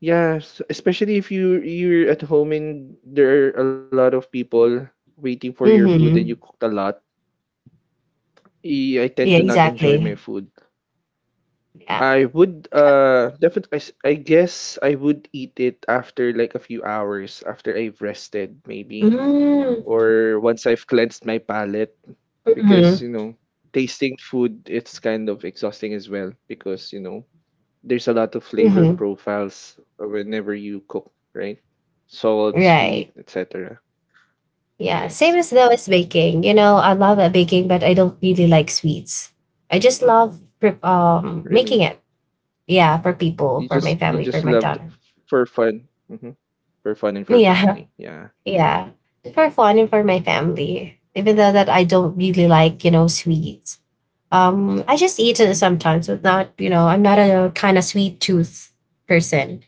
yeah, especially if you're at home and there are a lot of people waiting for your food and you Mhm. cooked a lot. I tend Yeah, to not enjoy my exactly. food. Yeah. I would definitely, I guess I would eat it after like a few hours after I've rested maybe. Mm. Mm, Or once I've cleansed my palate, because mhm, you know tasting food it's kind of exhausting as well, because you know there's a lot of flavor mhm, profiles whenever you cook, right? Salt, sweet, right. etc. Yeah, same Yes, as though as baking. You know, I love baking, but I don't really like sweets. I just love making really. it. Yeah, for people, you for my just You family, for just my loved daughter. for fun. Hmm. For fun and for Yeah, family, yeah. [LAUGHS] yeah, for fun and for my family. Even though that I don't really like, you know, sweets. I just eat it sometimes, but not, you know, I'm not a kind of sweet tooth person.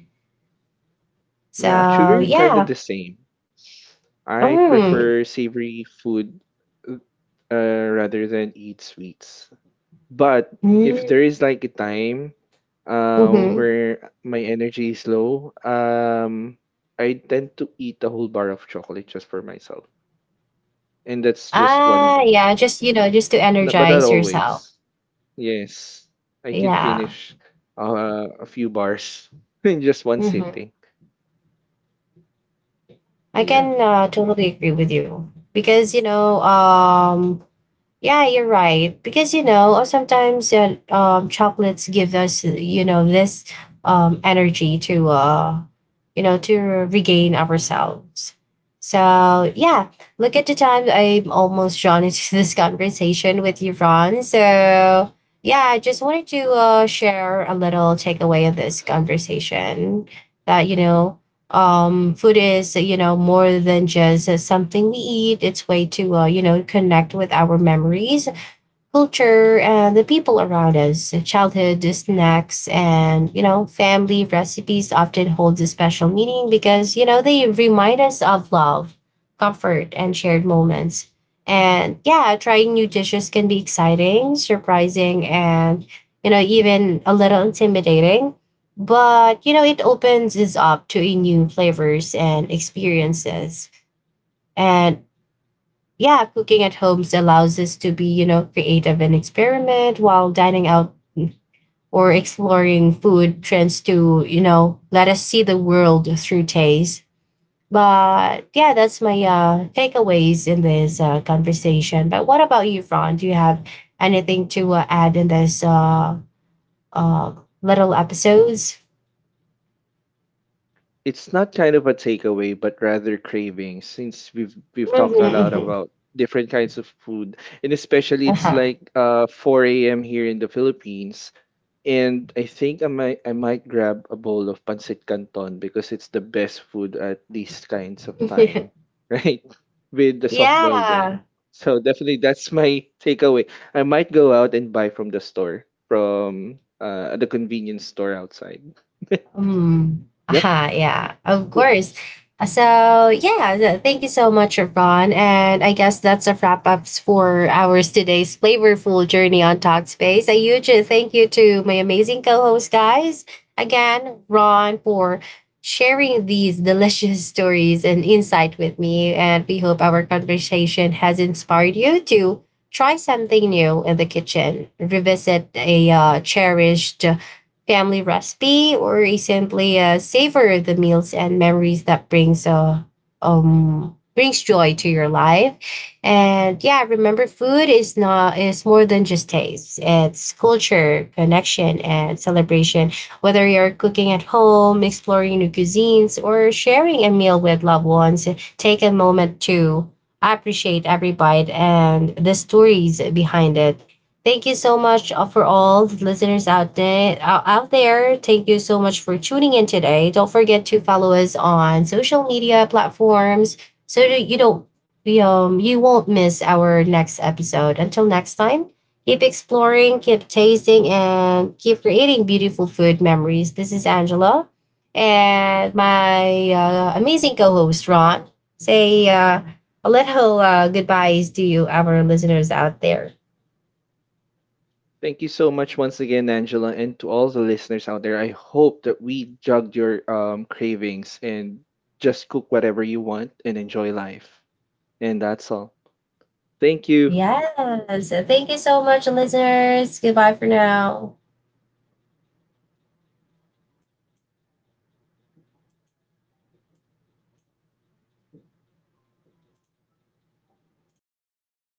Yeah, actually So we're kind of yeah. the same. I Mm. prefer savory food uh, rather than eat sweets. But if Mm-hmm. there is like a time where my energy is low, I tend to eat a whole bar of chocolate just for myself. And that's just one, Ah, yeah, just you know, just to but not energize yourself. always. Yes, I could Yeah. finish a few bars [LAUGHS] in just one Hmm. sitting. I Yeah. can totally agree with you because you know, yeah, you're right. Because you know, sometimes chocolates give us, you know, this energy to, you know, to regain ourselves. So yeah, look at the time. I'm almost drawn into [LAUGHS] this conversation with you, Ron. So yeah, I just wanted to share a little takeaway of this conversation that you know food is you know more than just something we eat, it's way to you know connect with our memories, culture, and the people around us. Childhood snacks and, you know, family recipes often hold a special meaning because, you know, they remind us of love, comfort, and shared moments. And yeah, trying new dishes can be exciting, surprising, and, you know, even a little intimidating. But, you know, it opens us up to a new flavors and experiences. And yeah, cooking at homes allows us to be, you know, creative and experiment while dining out or exploring food trends to, you know, let us see the world through taste. But yeah, that's my takeaways in this conversation. But what about you, Ron? Do you have anything to add in this uh, little episodes? It's not kind of a takeaway, but rather craving, since we've talked a lot Hmm. about different kinds of food, and especially it's Uh-huh. like 4 a.m. here in the Philippines, and I think I might grab a bowl of pancit canton because it's the best food at these kinds of time, [LAUGHS] [LAUGHS] right? With the soft-boiled egg. Yeah. So definitely that's my takeaway. I might go out and buy from the store, from the convenience store outside. Mm. Yep. Aha, yeah, of Cool. course. So, yeah, thank you so much, Ron. And I guess that's a wrap up for our today's flavorful journey on Talkspace. A huge thank you to my amazing co host, guys. Again, Ron, for sharing these delicious stories and insight with me. And we hope our conversation has inspired you to try something new in the kitchen, revisit a cherished family recipe, or is simply savor the meals and memories that brings brings joy to your life. And yeah, remember, food is not is more than just taste, it's culture, connection, and celebration. Whether you're cooking at home, exploring new cuisines, or sharing a meal with loved ones, take a moment to appreciate every bite and the stories behind it. Thank you so much for all the listeners out there. Out there, thank you so much for tuning in today. Don't forget to follow us on social media platforms so that you don't you, you won't miss our next episode. Until next time, keep exploring, keep tasting, and keep creating beautiful food memories. This is Angela and my amazing co-host Ron. Say a little goodbyes to you, our listeners out there. Thank you so much once again, Angela, and to all the listeners out there. I hope that we jugged your cravings, and just cook whatever you want and enjoy life. And that's all. Thank you. Yes. So thank you so much, listeners. Goodbye for now.